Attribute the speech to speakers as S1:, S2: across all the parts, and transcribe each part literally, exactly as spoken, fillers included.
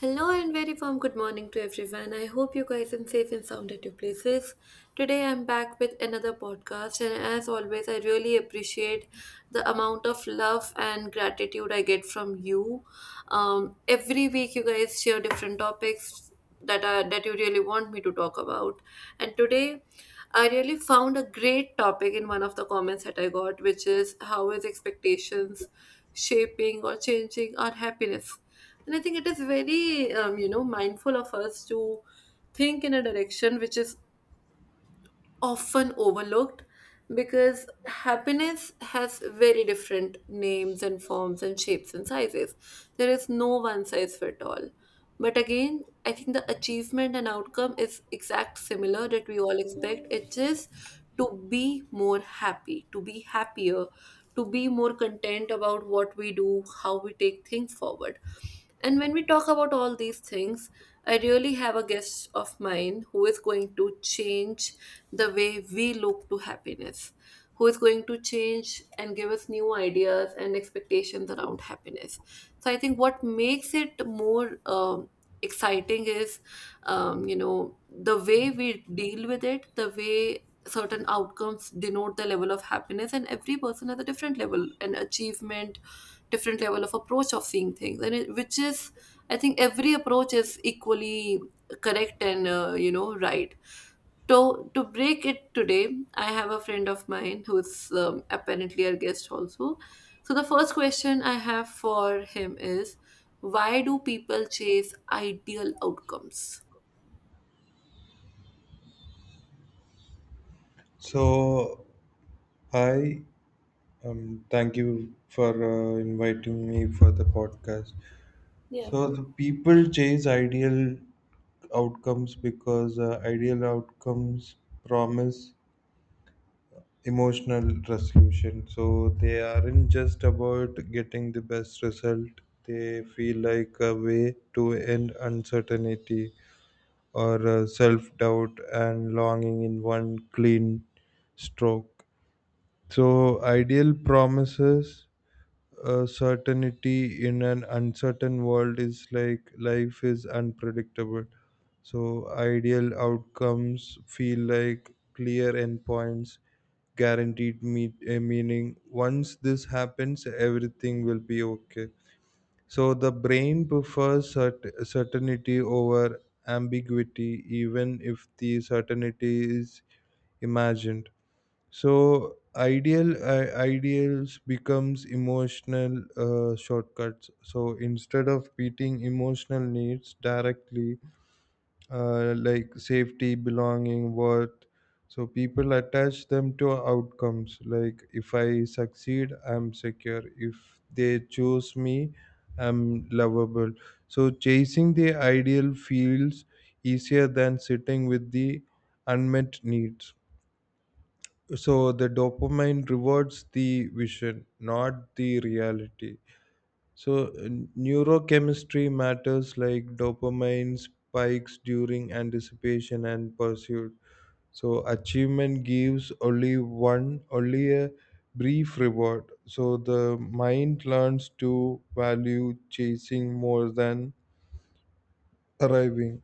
S1: Hello and very warm good morning to everyone. I hope you guys are safe and sound at your places. Today I'm back with another podcast, and as always, I really appreciate the amount of love and gratitude I get from you. Um, every week, you guys share different topics that are that you really want me to talk about, and today. I really found a great topic in one of the comments that I got, which is how is expectations shaping or changing our happiness? And I think it is very, um, you know, mindful of us to think in a direction which is often overlooked, because happiness has very different names and forms and shapes and sizes. There is no one size fit all. But again, I think the achievement and outcome is exact similar that we all expect. It is to be more happy, to be happier, to be more content about what we do, how we take things forward. And when we talk about all these things, I really have a guest of mine who is going to change the way we look to happiness, who is going to change and give us new ideas and expectations around happiness. So I think what makes it more um, exciting is, um, you know, the way we deal with it, the way certain outcomes denote the level of happiness, and every person has a different level an achievement, different level of approach of seeing things. And it, which is, I think every approach is equally correct and uh, you know, right. So to break it, today I have a friend of mine who's um, apparently our guest also. So the first question I have for him is, why do people chase ideal outcomes?
S2: So, hi, um, thank you for uh, inviting me for the podcast.
S1: Yeah
S2: So, the people chase ideal outcomes because uh, ideal outcomes promise emotional resolution. So, they aren't just about getting the best result, they feel like a way to end uncertainty or uh, self doubt and longing in one clean stroke. So, ideal promises uh, certainty in an uncertain world is like life is unpredictable. So, ideal outcomes feel like clear endpoints, guaranteed meet, uh, meaning. Once this happens, everything will be okay. So, the brain prefers cert- certainty over ambiguity, even if the certainty is imagined. So ideal uh, ideals becomes emotional uh, shortcuts. So instead of meeting emotional needs directly, uh, like safety belonging worth, so people attach them to outcomes like if I succeed I'm secure, if they choose me I'm lovable. So chasing the ideal feels easier than sitting with the unmet needs. So the dopamine rewards the vision, not the reality. So uh, neurochemistry matters, like dopamine spikes during anticipation and pursuit. So achievement gives only one only a brief reward, so the mind learns to value chasing more than arriving.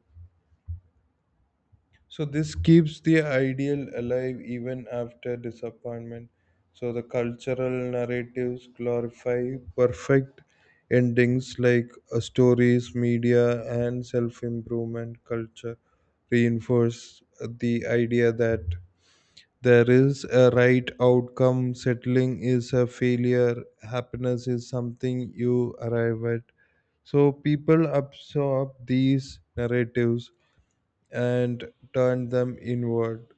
S2: So this keeps the ideal alive even after disappointment. So the cultural narratives glorify perfect endings, like uh, stories, media, and self-improvement culture reinforce the idea that there is a right outcome. Settling is a failure. Happiness is something you arrive at. So people absorb these narratives and turn them inward.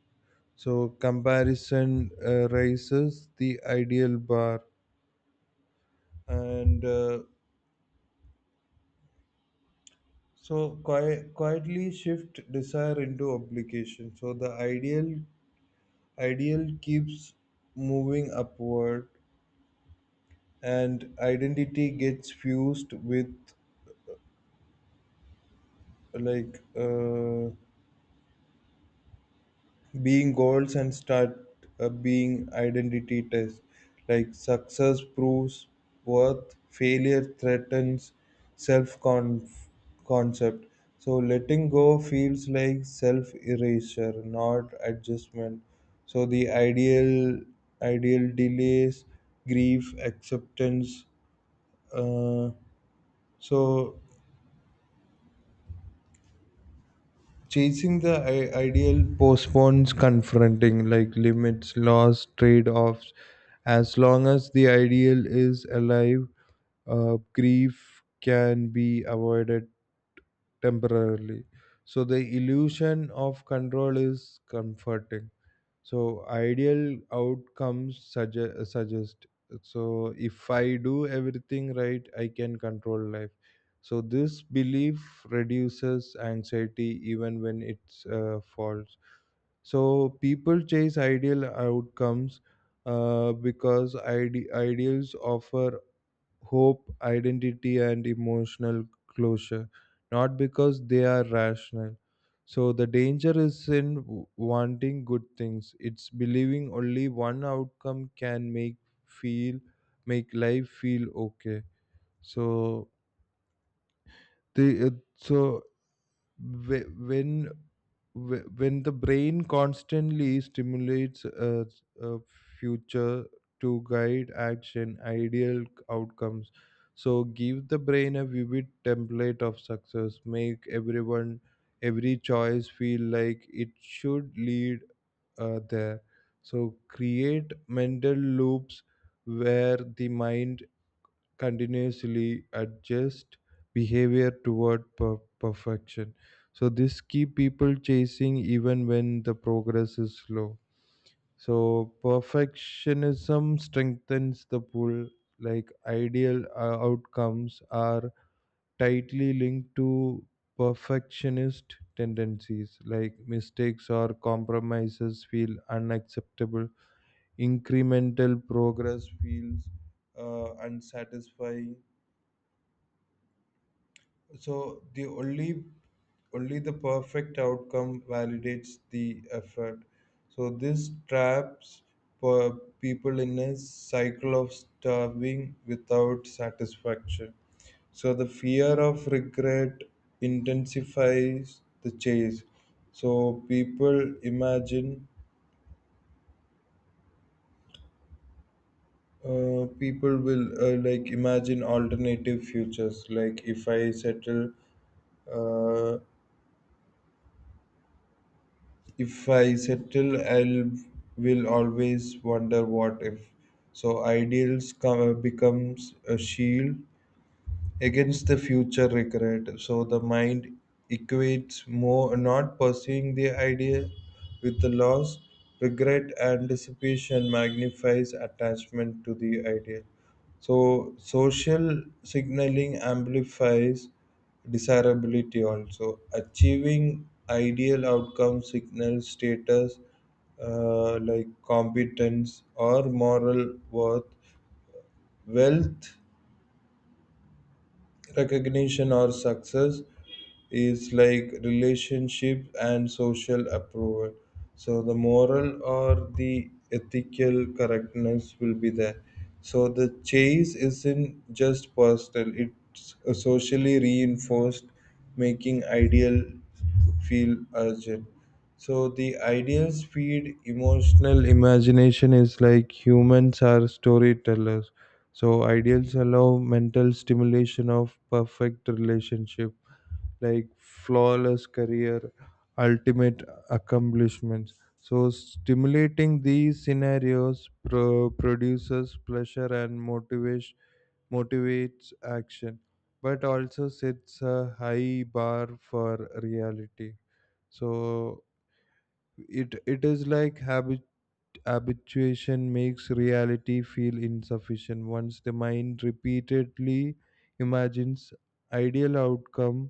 S2: So comparison uh, raises the ideal bar, and uh, so qui- quietly shift desire into obligation. So the ideal ideal keeps moving upward, and identity gets fused with like uh, being goals and start uh, being identity tests, like success proves worth, failure threatens self concept. So letting go feels like self erasure, not adjustment. So the ideal ideal delays grief acceptance. uh, so Chasing the I- ideal postpones confronting like limits, loss, trade offs. As long as the ideal is alive, uh, grief can be avoided temporarily. So the illusion of control is comforting. So ideal outcomes suggest, suggest, so if I do everything right, I can control life. So this belief reduces anxiety even when it's uh, false. So people chase ideal outcomes uh, because ide- ideals offer hope, identity, and emotional closure, not because they are rational. So the danger is in w- wanting good things. It's believing only one outcome can make feel make life feel okay. So the uh, so whe- when whe- when the brain constantly stimulates a, a future to guide action, ideal outcomes so give the brain a vivid template of success, make everyone every choice feel like it should lead uh, there. So create mental loops where the mind continuously adjust behavior toward per- perfection. So this keep people chasing even when the progress is slow. So perfectionism strengthens the pull, like ideal uh, outcomes are tightly linked to perfectionist tendencies, like mistakes or compromises feel unacceptable, incremental progress feels uh, unsatisfying. So the only only the perfect outcome validates the effort. So this traps per- people in a cycle of starving without satisfaction. So the fear of regret intensifies the chase. So people imagine uh, people will uh, like imagine alternative futures like if i settle uh, if I settle, I'll will always wonder what if. So ideals come, becomes a shield against the future regret. So the mind equates more not pursuing the idea with the loss. Regret and dissipation magnifies attachment to the idea. So social signaling amplifies desirability also. Achieving ideal outcome signals status, uh, like competence or moral worth. Wealth, recognition, or success is like relationship and social approval, so the moral or the ethical correctness will be there. So the chase isn't just personal, it's socially reinforced, making ideal feel urgent. So the ideal speed emotional imagination is like humans are storytellers. So ideals allow mental stimulation of perfect relationship, like flawless career, ultimate accomplishments. So stimulating these scenarios pro- produces pleasure and motivation motivates action, but also sets a high bar for reality. So it it is like habit habituation makes reality feel insufficient. Once the mind repeatedly imagines ideal outcome,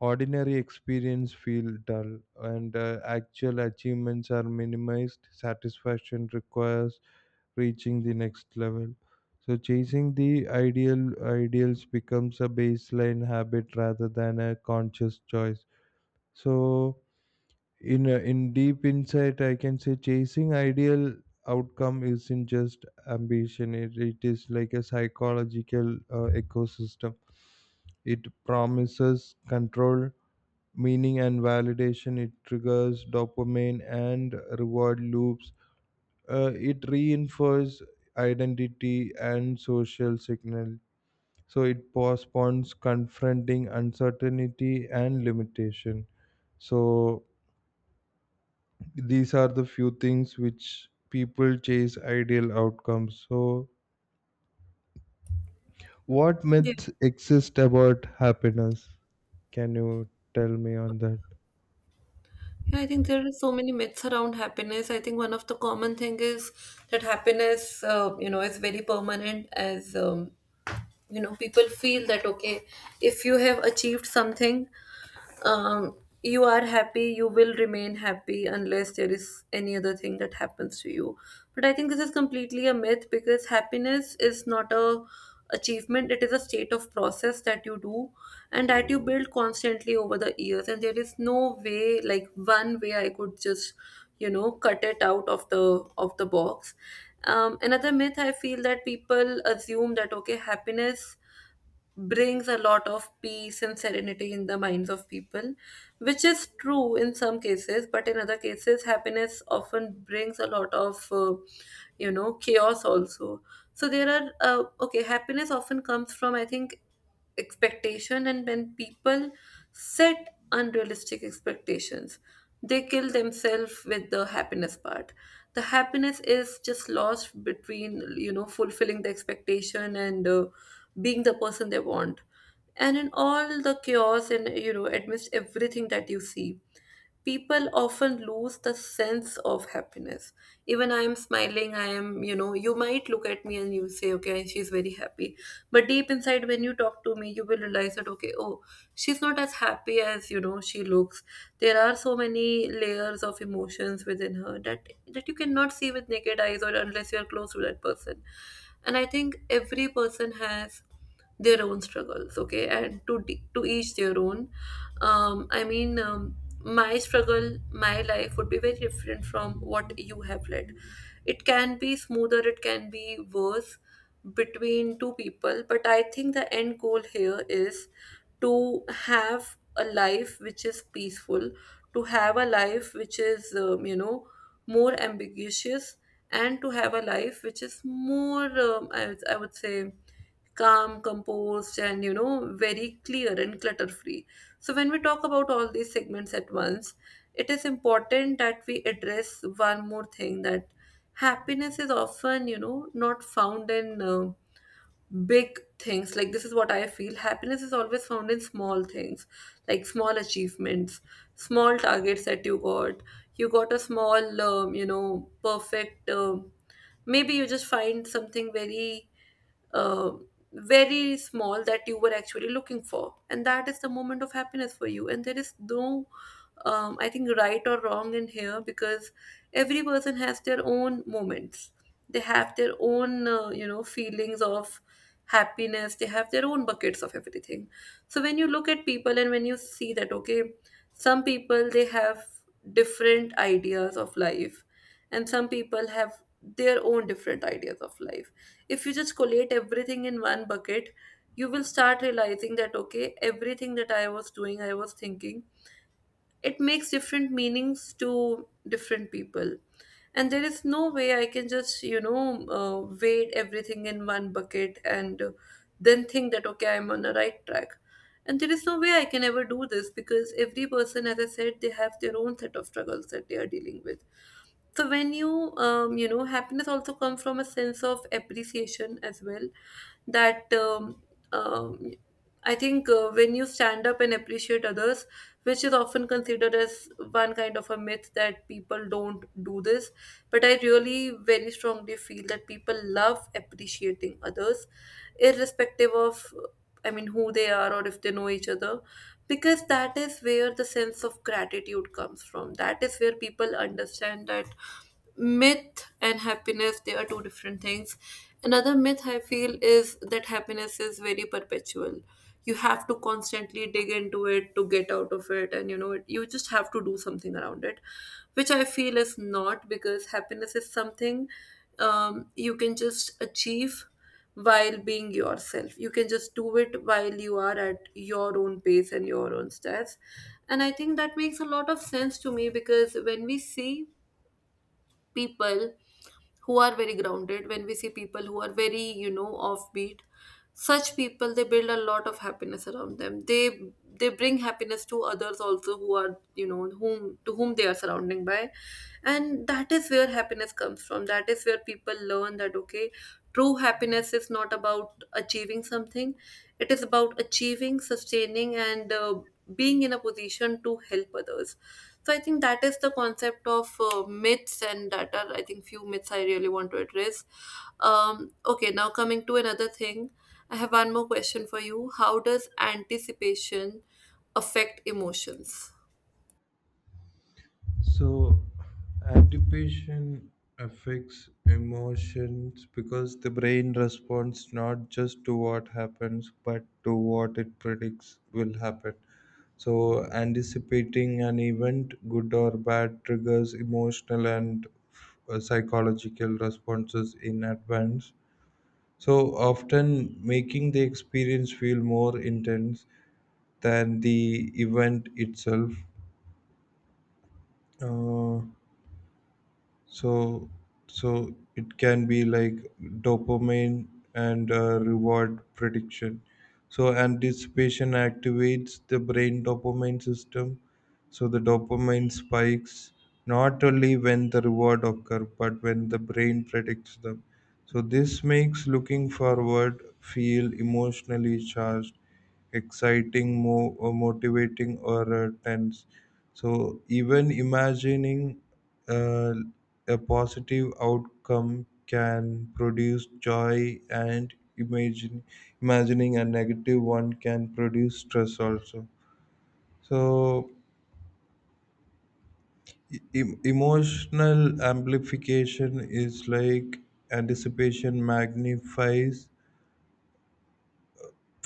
S2: ordinary experience feel dull, and uh, actual achievements are minimized. Satisfaction requires reaching the next level. So chasing the ideal ideals becomes a baseline habit rather than a conscious choice. So in uh, in deep insight I can say chasing ideal outcome isn't just ambition, it, it is like a psychological uh, ecosystem. It promises control, meaning and validation. It triggers dopamine and reward loops, uh, it reinforces identity and social signal. So it postpones confronting uncertainty and limitation. So these are the few things which people chase ideal outcomes. So what
S1: yeah
S2: myths exist about happiness? Can you tell me on that?
S1: yeah I think there are so many myths around happiness. I think one of the common thing is that happiness, uh, you know, is very permanent, as um, you know, people feel that okay, if you have achieved something, um, you are happy, you will remain happy unless there is any other thing that happens to you. But I think this is completely a myth, because happiness is not a achievement, it is a state of process that you do and that you build constantly over the years. And there is no way, like one way I could just, you know, cut it out of the of the box. Um, another myth I feel, that people assume that okay, happiness brings a lot of peace and serenity in the minds of people, which is true in some cases, but in other cases, happiness often brings a lot of, uh, you know, chaos also. So there are, uh, okay, happiness often comes from, I think, expectation. And when people set unrealistic expectations, they kill themselves with the happiness part. The happiness is just lost between, you know, fulfilling the expectation and uh, being the person they want. And in all the chaos and, you know, amidst everything that you see, people often lose the sense of happiness. Even I am smiling, I am, you know, you might look at me and you say okay, she's very happy, but deep inside when you talk to me you will realize that okay, oh, she's not as happy as, you know, she looks. There are so many layers of emotions within her that that you cannot see with naked eyes, or unless you are close to that person. And I think every person has their own struggles, okay, and to d- to each their own. um, I mean, um, my struggle, my life would be very different from what you have led. It can be smoother, it can be worse between two people. But I think the end goal here is to have a life which is peaceful, to have a life which is, um, you know, more ambiguous, and to have a life which is more, um, I, would- I would say, calm, composed, and, you know, very clear and clutter free. So, when we talk about all these segments at once, it is important that we address one more thing, that happiness is often, you know, not found in uh, big things. Like, this is what I feel, happiness is always found in small things, like small achievements, small targets that you got. You got a small, um, you know, perfect. Um maybe you just find something very uh, very small that you were actually looking for, and that is the moment of happiness for you. And there is no, um, I think right or wrong in here, because every person has their own moments. They have their own, uh, you know, feelings of happiness. They have their own buckets of everything. So when you look at people and when you see that, okay, some people they have different ideas of life, and some people have their own different ideas of life. If you just collate everything in one bucket, you will start realizing that okay, everything that I was doing, I was thinking, it makes different meanings to different people. And there is no way I can just, you know, uh, weigh everything in one bucket and uh, then think that okay, I'm on the right track. And there is no way I can ever do this, because every person, as I said, they have their own set of struggles that they are dealing with. So when you, um, you know, happiness also comes from a sense of appreciation as well, that um, um, I think, uh, when you stand up and appreciate others, which is often considered as one kind of a myth that people don't do this, but I really very strongly feel that people love appreciating others, irrespective of, I mean, who they are or if they know each other, because that is where the sense of gratitude comes from. That is where people understand that myth and happiness, they are two different things. Another myth I feel is that happiness is very perpetual. You have to constantly dig into it to get out of it, and, you know, it, you just have to do something around it, which I feel is not, because happiness is something, um, you can just achieve while being yourself. You can just do it while you are at your own pace and your own stats. And I think that makes a lot of sense to me, because when we see people who are very grounded, when we see people who are very, you know, offbeat, such people they build a lot of happiness around them. They they bring happiness to others also who are, you know, whom to whom they are surrounding by. And that is where happiness comes from, that is where people learn that okay, true happiness is not about achieving something, it is about achieving, sustaining, and uh, being in a position to help others. So I think that is the concept of uh, myths, and that are, I think, few myths I really want to address. Um, okay, now coming to another thing, I have one more question for you. How does anticipation affect emotions?
S2: So, anticipation affects emotions because the brain responds not just to what happens but to what it predicts will happen. So, anticipating an event, good or bad, triggers emotional and uh, psychological responses in advance. So, often making the experience feel more intense than the event itself. Uh, so so it can be like dopamine and uh, reward prediction. So anticipation activates the brain dopamine system. So the dopamine spikes not only when the reward occur but when the brain predicts them. So this makes looking forward feel emotionally charged, exciting, mo- or motivating, or uh, tense. So even imagining uh, a positive outcome can produce joy, and imagine imagining a negative one can produce stress also. So e- emotional amplification is like anticipation magnifies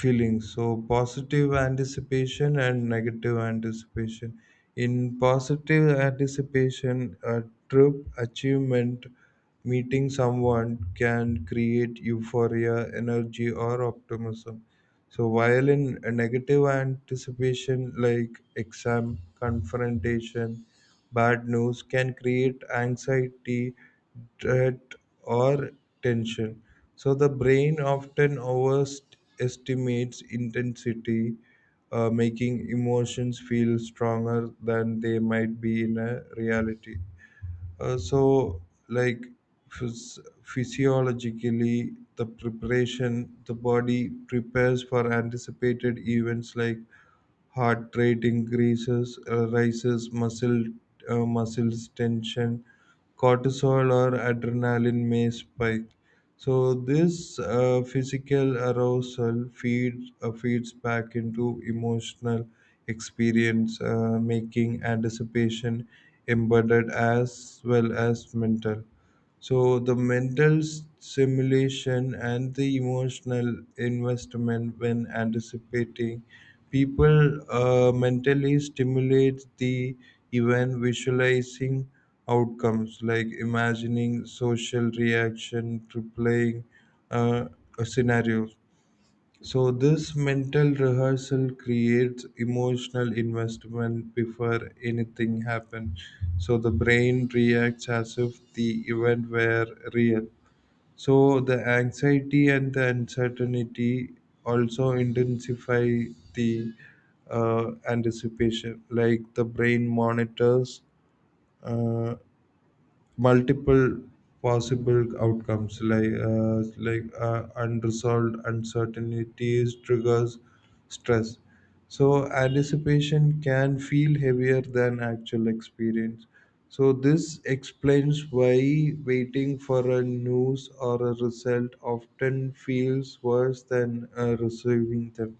S2: feelings. So positive anticipation and negative anticipation: in positive anticipation, a trip, achievement, meeting someone can create euphoria, energy, or optimism. So while in a negative anticipation, like exam, confrontation, bad news can create anxiety, dread, or tension. So the brain often overestimates intensity, uh, making emotions feel stronger than they might be in a reality. Uh, so, like phys- physiologically, the preparation, the body prepares for anticipated events like heart rate increases, uh, rises, muscle uh, muscles tension, cortisol or adrenaline may spike. So this uh, physical arousal feeds uh, feeds back into emotional experience, uh, making anticipation embedded as well as mental. So the mental s- simulation and the emotional investment: when anticipating, people uh, mentally stimulate the event, visualizing outcomes, like imagining social reaction to playing uh, scenarios. So this mental rehearsal creates emotional investment before anything happens. So the brain reacts as if the event were real. So the anxiety and the uncertainty also intensify the uh, anticipation. Like the brain monitors uh, multiple possible outcomes, like uh, like uh, unresolved uncertainties triggers stress. So anticipation can feel heavier than actual experience. So this explains why waiting for a news or a result often feels worse than uh, receiving them.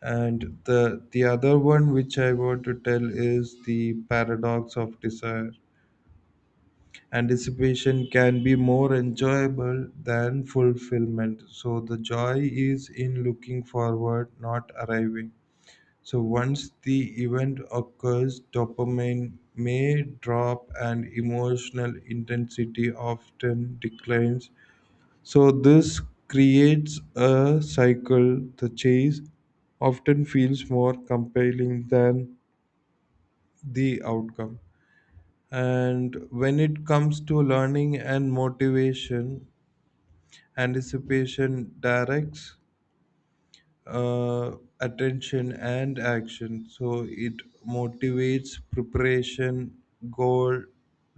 S2: And the the other one which I want to tell is the paradox of desire. Anticipation can be more enjoyable than fulfillment. So the joy is in looking forward, not arriving. So once the event occurs, dopamine may drop and emotional intensity often declines. So this creates a cycle. The chase often feels more compelling than the outcome. And when it comes to learning and motivation, anticipation directs uh, attention and action. So it motivates preparation, goal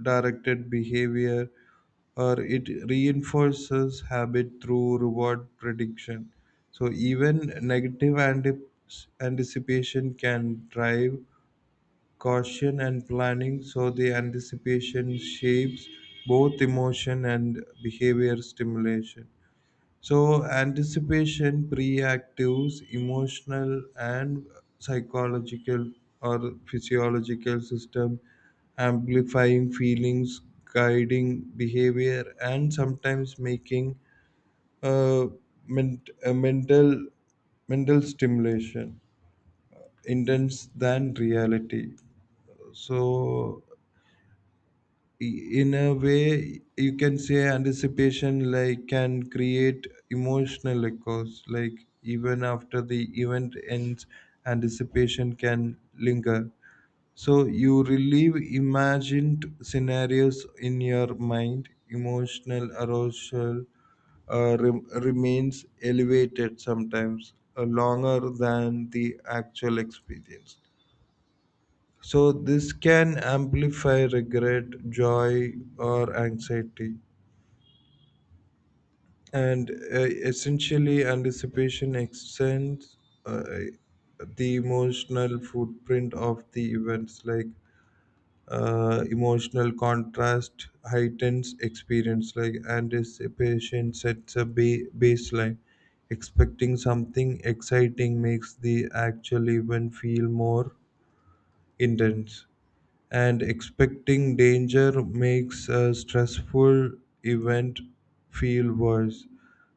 S2: directed behavior, or it reinforces habit through reward prediction. So even negative ante- anticipation can drive caution and planning. So the anticipation shapes both emotion and behavior stimulation. So anticipation preactives emotional and psychological or physiological system, amplifying feelings, guiding behavior, and sometimes making uh, ment- a mental mental stimulation intense than reality. So in a way you can say anticipation like can create emotional echoes, like even after the event ends, anticipation can linger. So you relive imagined scenarios in your mind. Emotional arousal uh, rem- remains elevated sometimes uh, longer than the actual experience. So, this can amplify regret, joy, or anxiety. And uh, essentially, anticipation extends uh, the emotional footprint of the events, like uh, emotional contrast heightens experience, like anticipation sets a ba- baseline. Expecting something exciting makes the actual event feel more intense, and expecting danger makes a stressful event feel worse.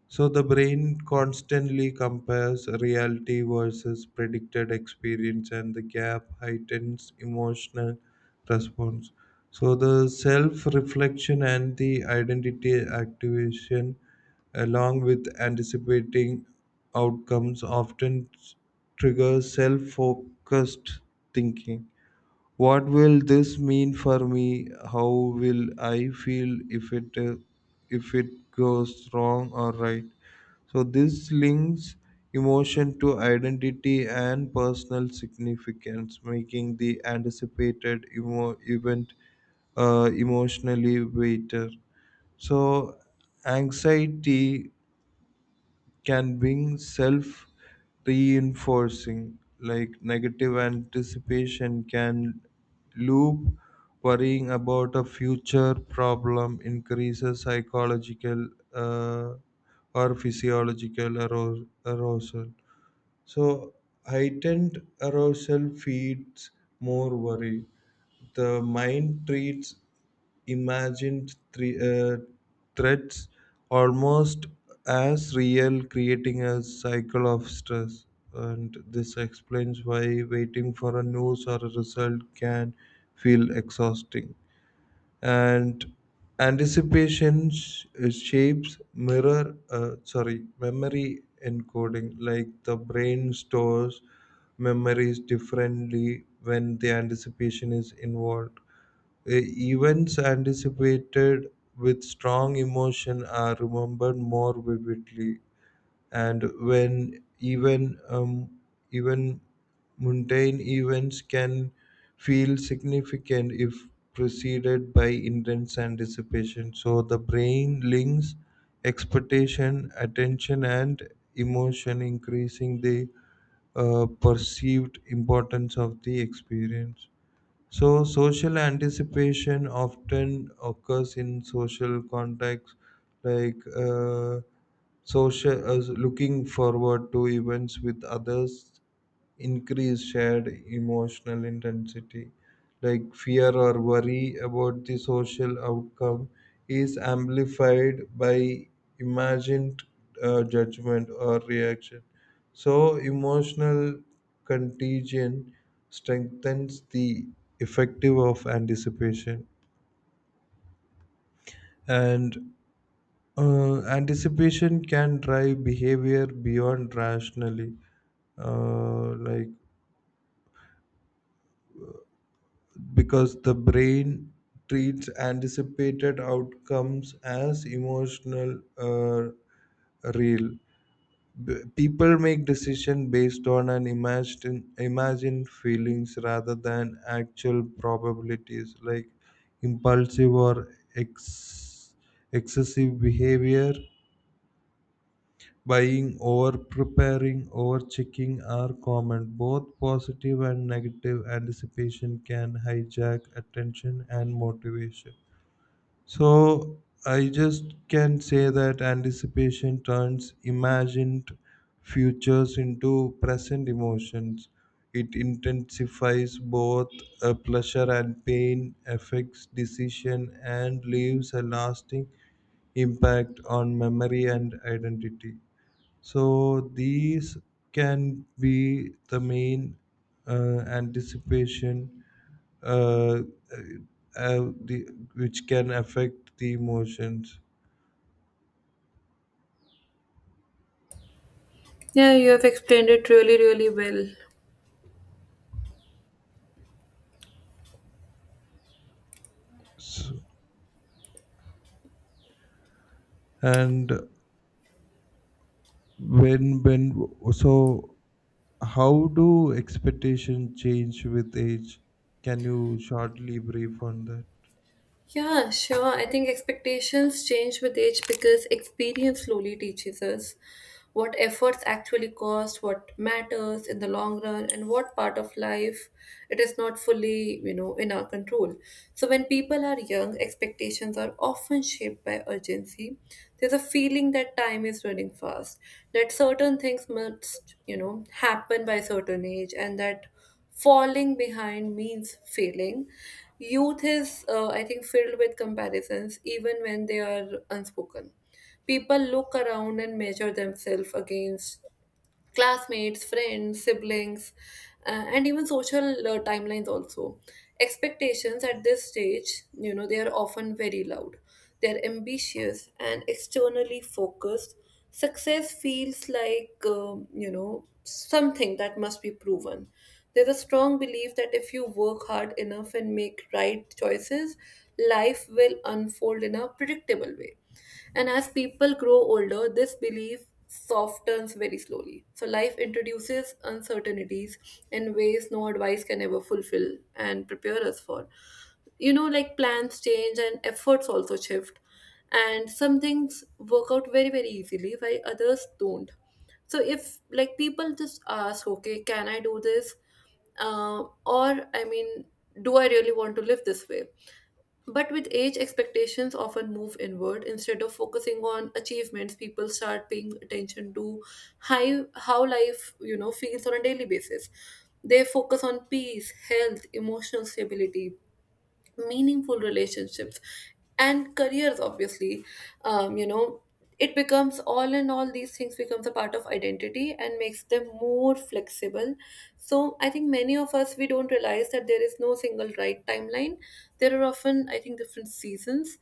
S2: So the brain constantly compares reality versus predicted experience, and the gap heightens emotional response. So the self reflection and the identity activation, along with anticipating outcomes, often triggers self focused thinking: what will this mean for me? How will I feel if it uh, if it goes wrong or right? So this links emotion to identity and personal significance, making the anticipated emo- event uh, emotionally weighted. So anxiety can being self reinforcing, like negative anticipation can loop. Worrying about a future problem increases psychological uh, or physiological aro- arousal. So heightened arousal feeds more worry. The mind treats imagined thre- uh, threats almost as real, creating a cycle of stress. And this explains why waiting for a news or a result can feel exhausting. And anticipation sh- shapes mirror uh, sorry memory encoding, like the brain stores memories differently when the anticipation is involved. Uh, Events anticipated with strong emotion are remembered more vividly, and when even um, even mundane events can feel significant if preceded by intense anticipation. So the brain links expectation, attention, and emotion, increasing the uh, perceived importance of the experience. So, social anticipation often occurs in social contexts, like uh, social uh, looking forward to events with others increase shared emotional intensity, like fear or worry about the social outcome is amplified by imagined uh, judgment or reaction. So emotional contagion strengthens the effective of anticipation. And uh, anticipation can drive behavior beyond rationally, uh, like because the brain treats anticipated outcomes as emotional, uh, real. B- people make decisions based on an imagined imagined feelings rather than actual probabilities, like impulsive or ex- excessive behavior. Buying over, preparing over, checking are common. Both positive and negative anticipation can hijack attention and motivation. So I just can say that anticipation turns imagined futures into present emotions. It intensifies both uh, pleasure and pain, affects decision, and leaves a lasting impact on memory and identity. So these can be the main uh, anticipation, uh, uh, uh, the, which can affect the emotions.
S1: Yeah, you have explained it really really well.
S2: So, and when when so how do expectations change with age? Can you shortly brief on that?
S1: Yeah, sure. I think expectations change with age because experience slowly teaches us what efforts actually cost, what matters in the long run, and what part of life it is not fully, you know, in our control. So when people are young, expectations are often shaped by urgency. There's a feeling that time is running fast, that certain things must, you know, happen by a certain age, and that falling behind means failing. Youth is, uh, I think, filled with comparisons even when they are unspoken. People look around and measure themselves against classmates, friends, siblings, uh, and even social uh, timelines also. Expectations at this stage, you know, they are often very loud. They're ambitious and externally focused. Success feels like, um, you know, something that must be proven. There's a strong belief that if you work hard enough and make right choices, life will unfold in a predictable way. And as people grow older, this belief softens very slowly. So life introduces uncertainties in ways no advice can ever fulfill and prepare us for. You know, like plans change and efforts also shift. And some things work out very, very easily while others don't. So if like people just ask, okay, can I do this? Uh, or I mean, do I really want to live this way? But with age, expectations often move inward. Instead of focusing on achievements, people start paying attention to how, how life, you know, feels on a daily basis. They focus on peace, health, emotional stability, meaningful relationships, and careers obviously. Um, you know, it becomes, all in all, these things becomes a part of identity and makes them more flexible. So I think many of us, we don't realize that there is no single right timeline. There are often, I think, different seasons.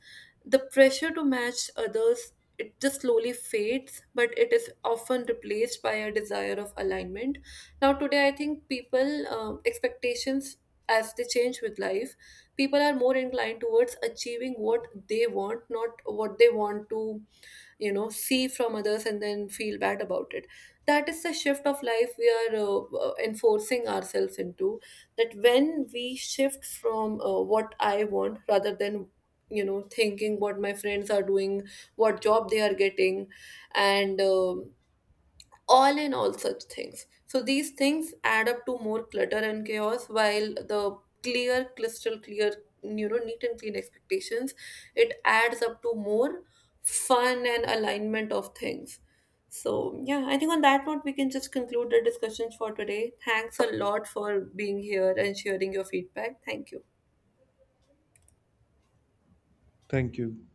S1: The pressure to match others, it just slowly fades, but it is often replaced by a desire of alignment. Now today I think people, um, expectations, as they change with life, people are more inclined towards achieving what they want, not what they want to, you know, see from others and then feel bad about it. That is the shift of life we are uh, uh, enforcing ourselves into. That when we shift from uh, what I want, rather than, you know, thinking what my friends are doing, what job they are getting, and um all in all such things. So these things add up to more clutter and chaos, while the clear, crystal clear, you know, neat and clean expectations, it adds up to more fun and alignment of things. So yeah, I think on that note we can just conclude the discussions for today. Thanks a lot for being here and sharing your feedback. Thank you.
S2: Thank you.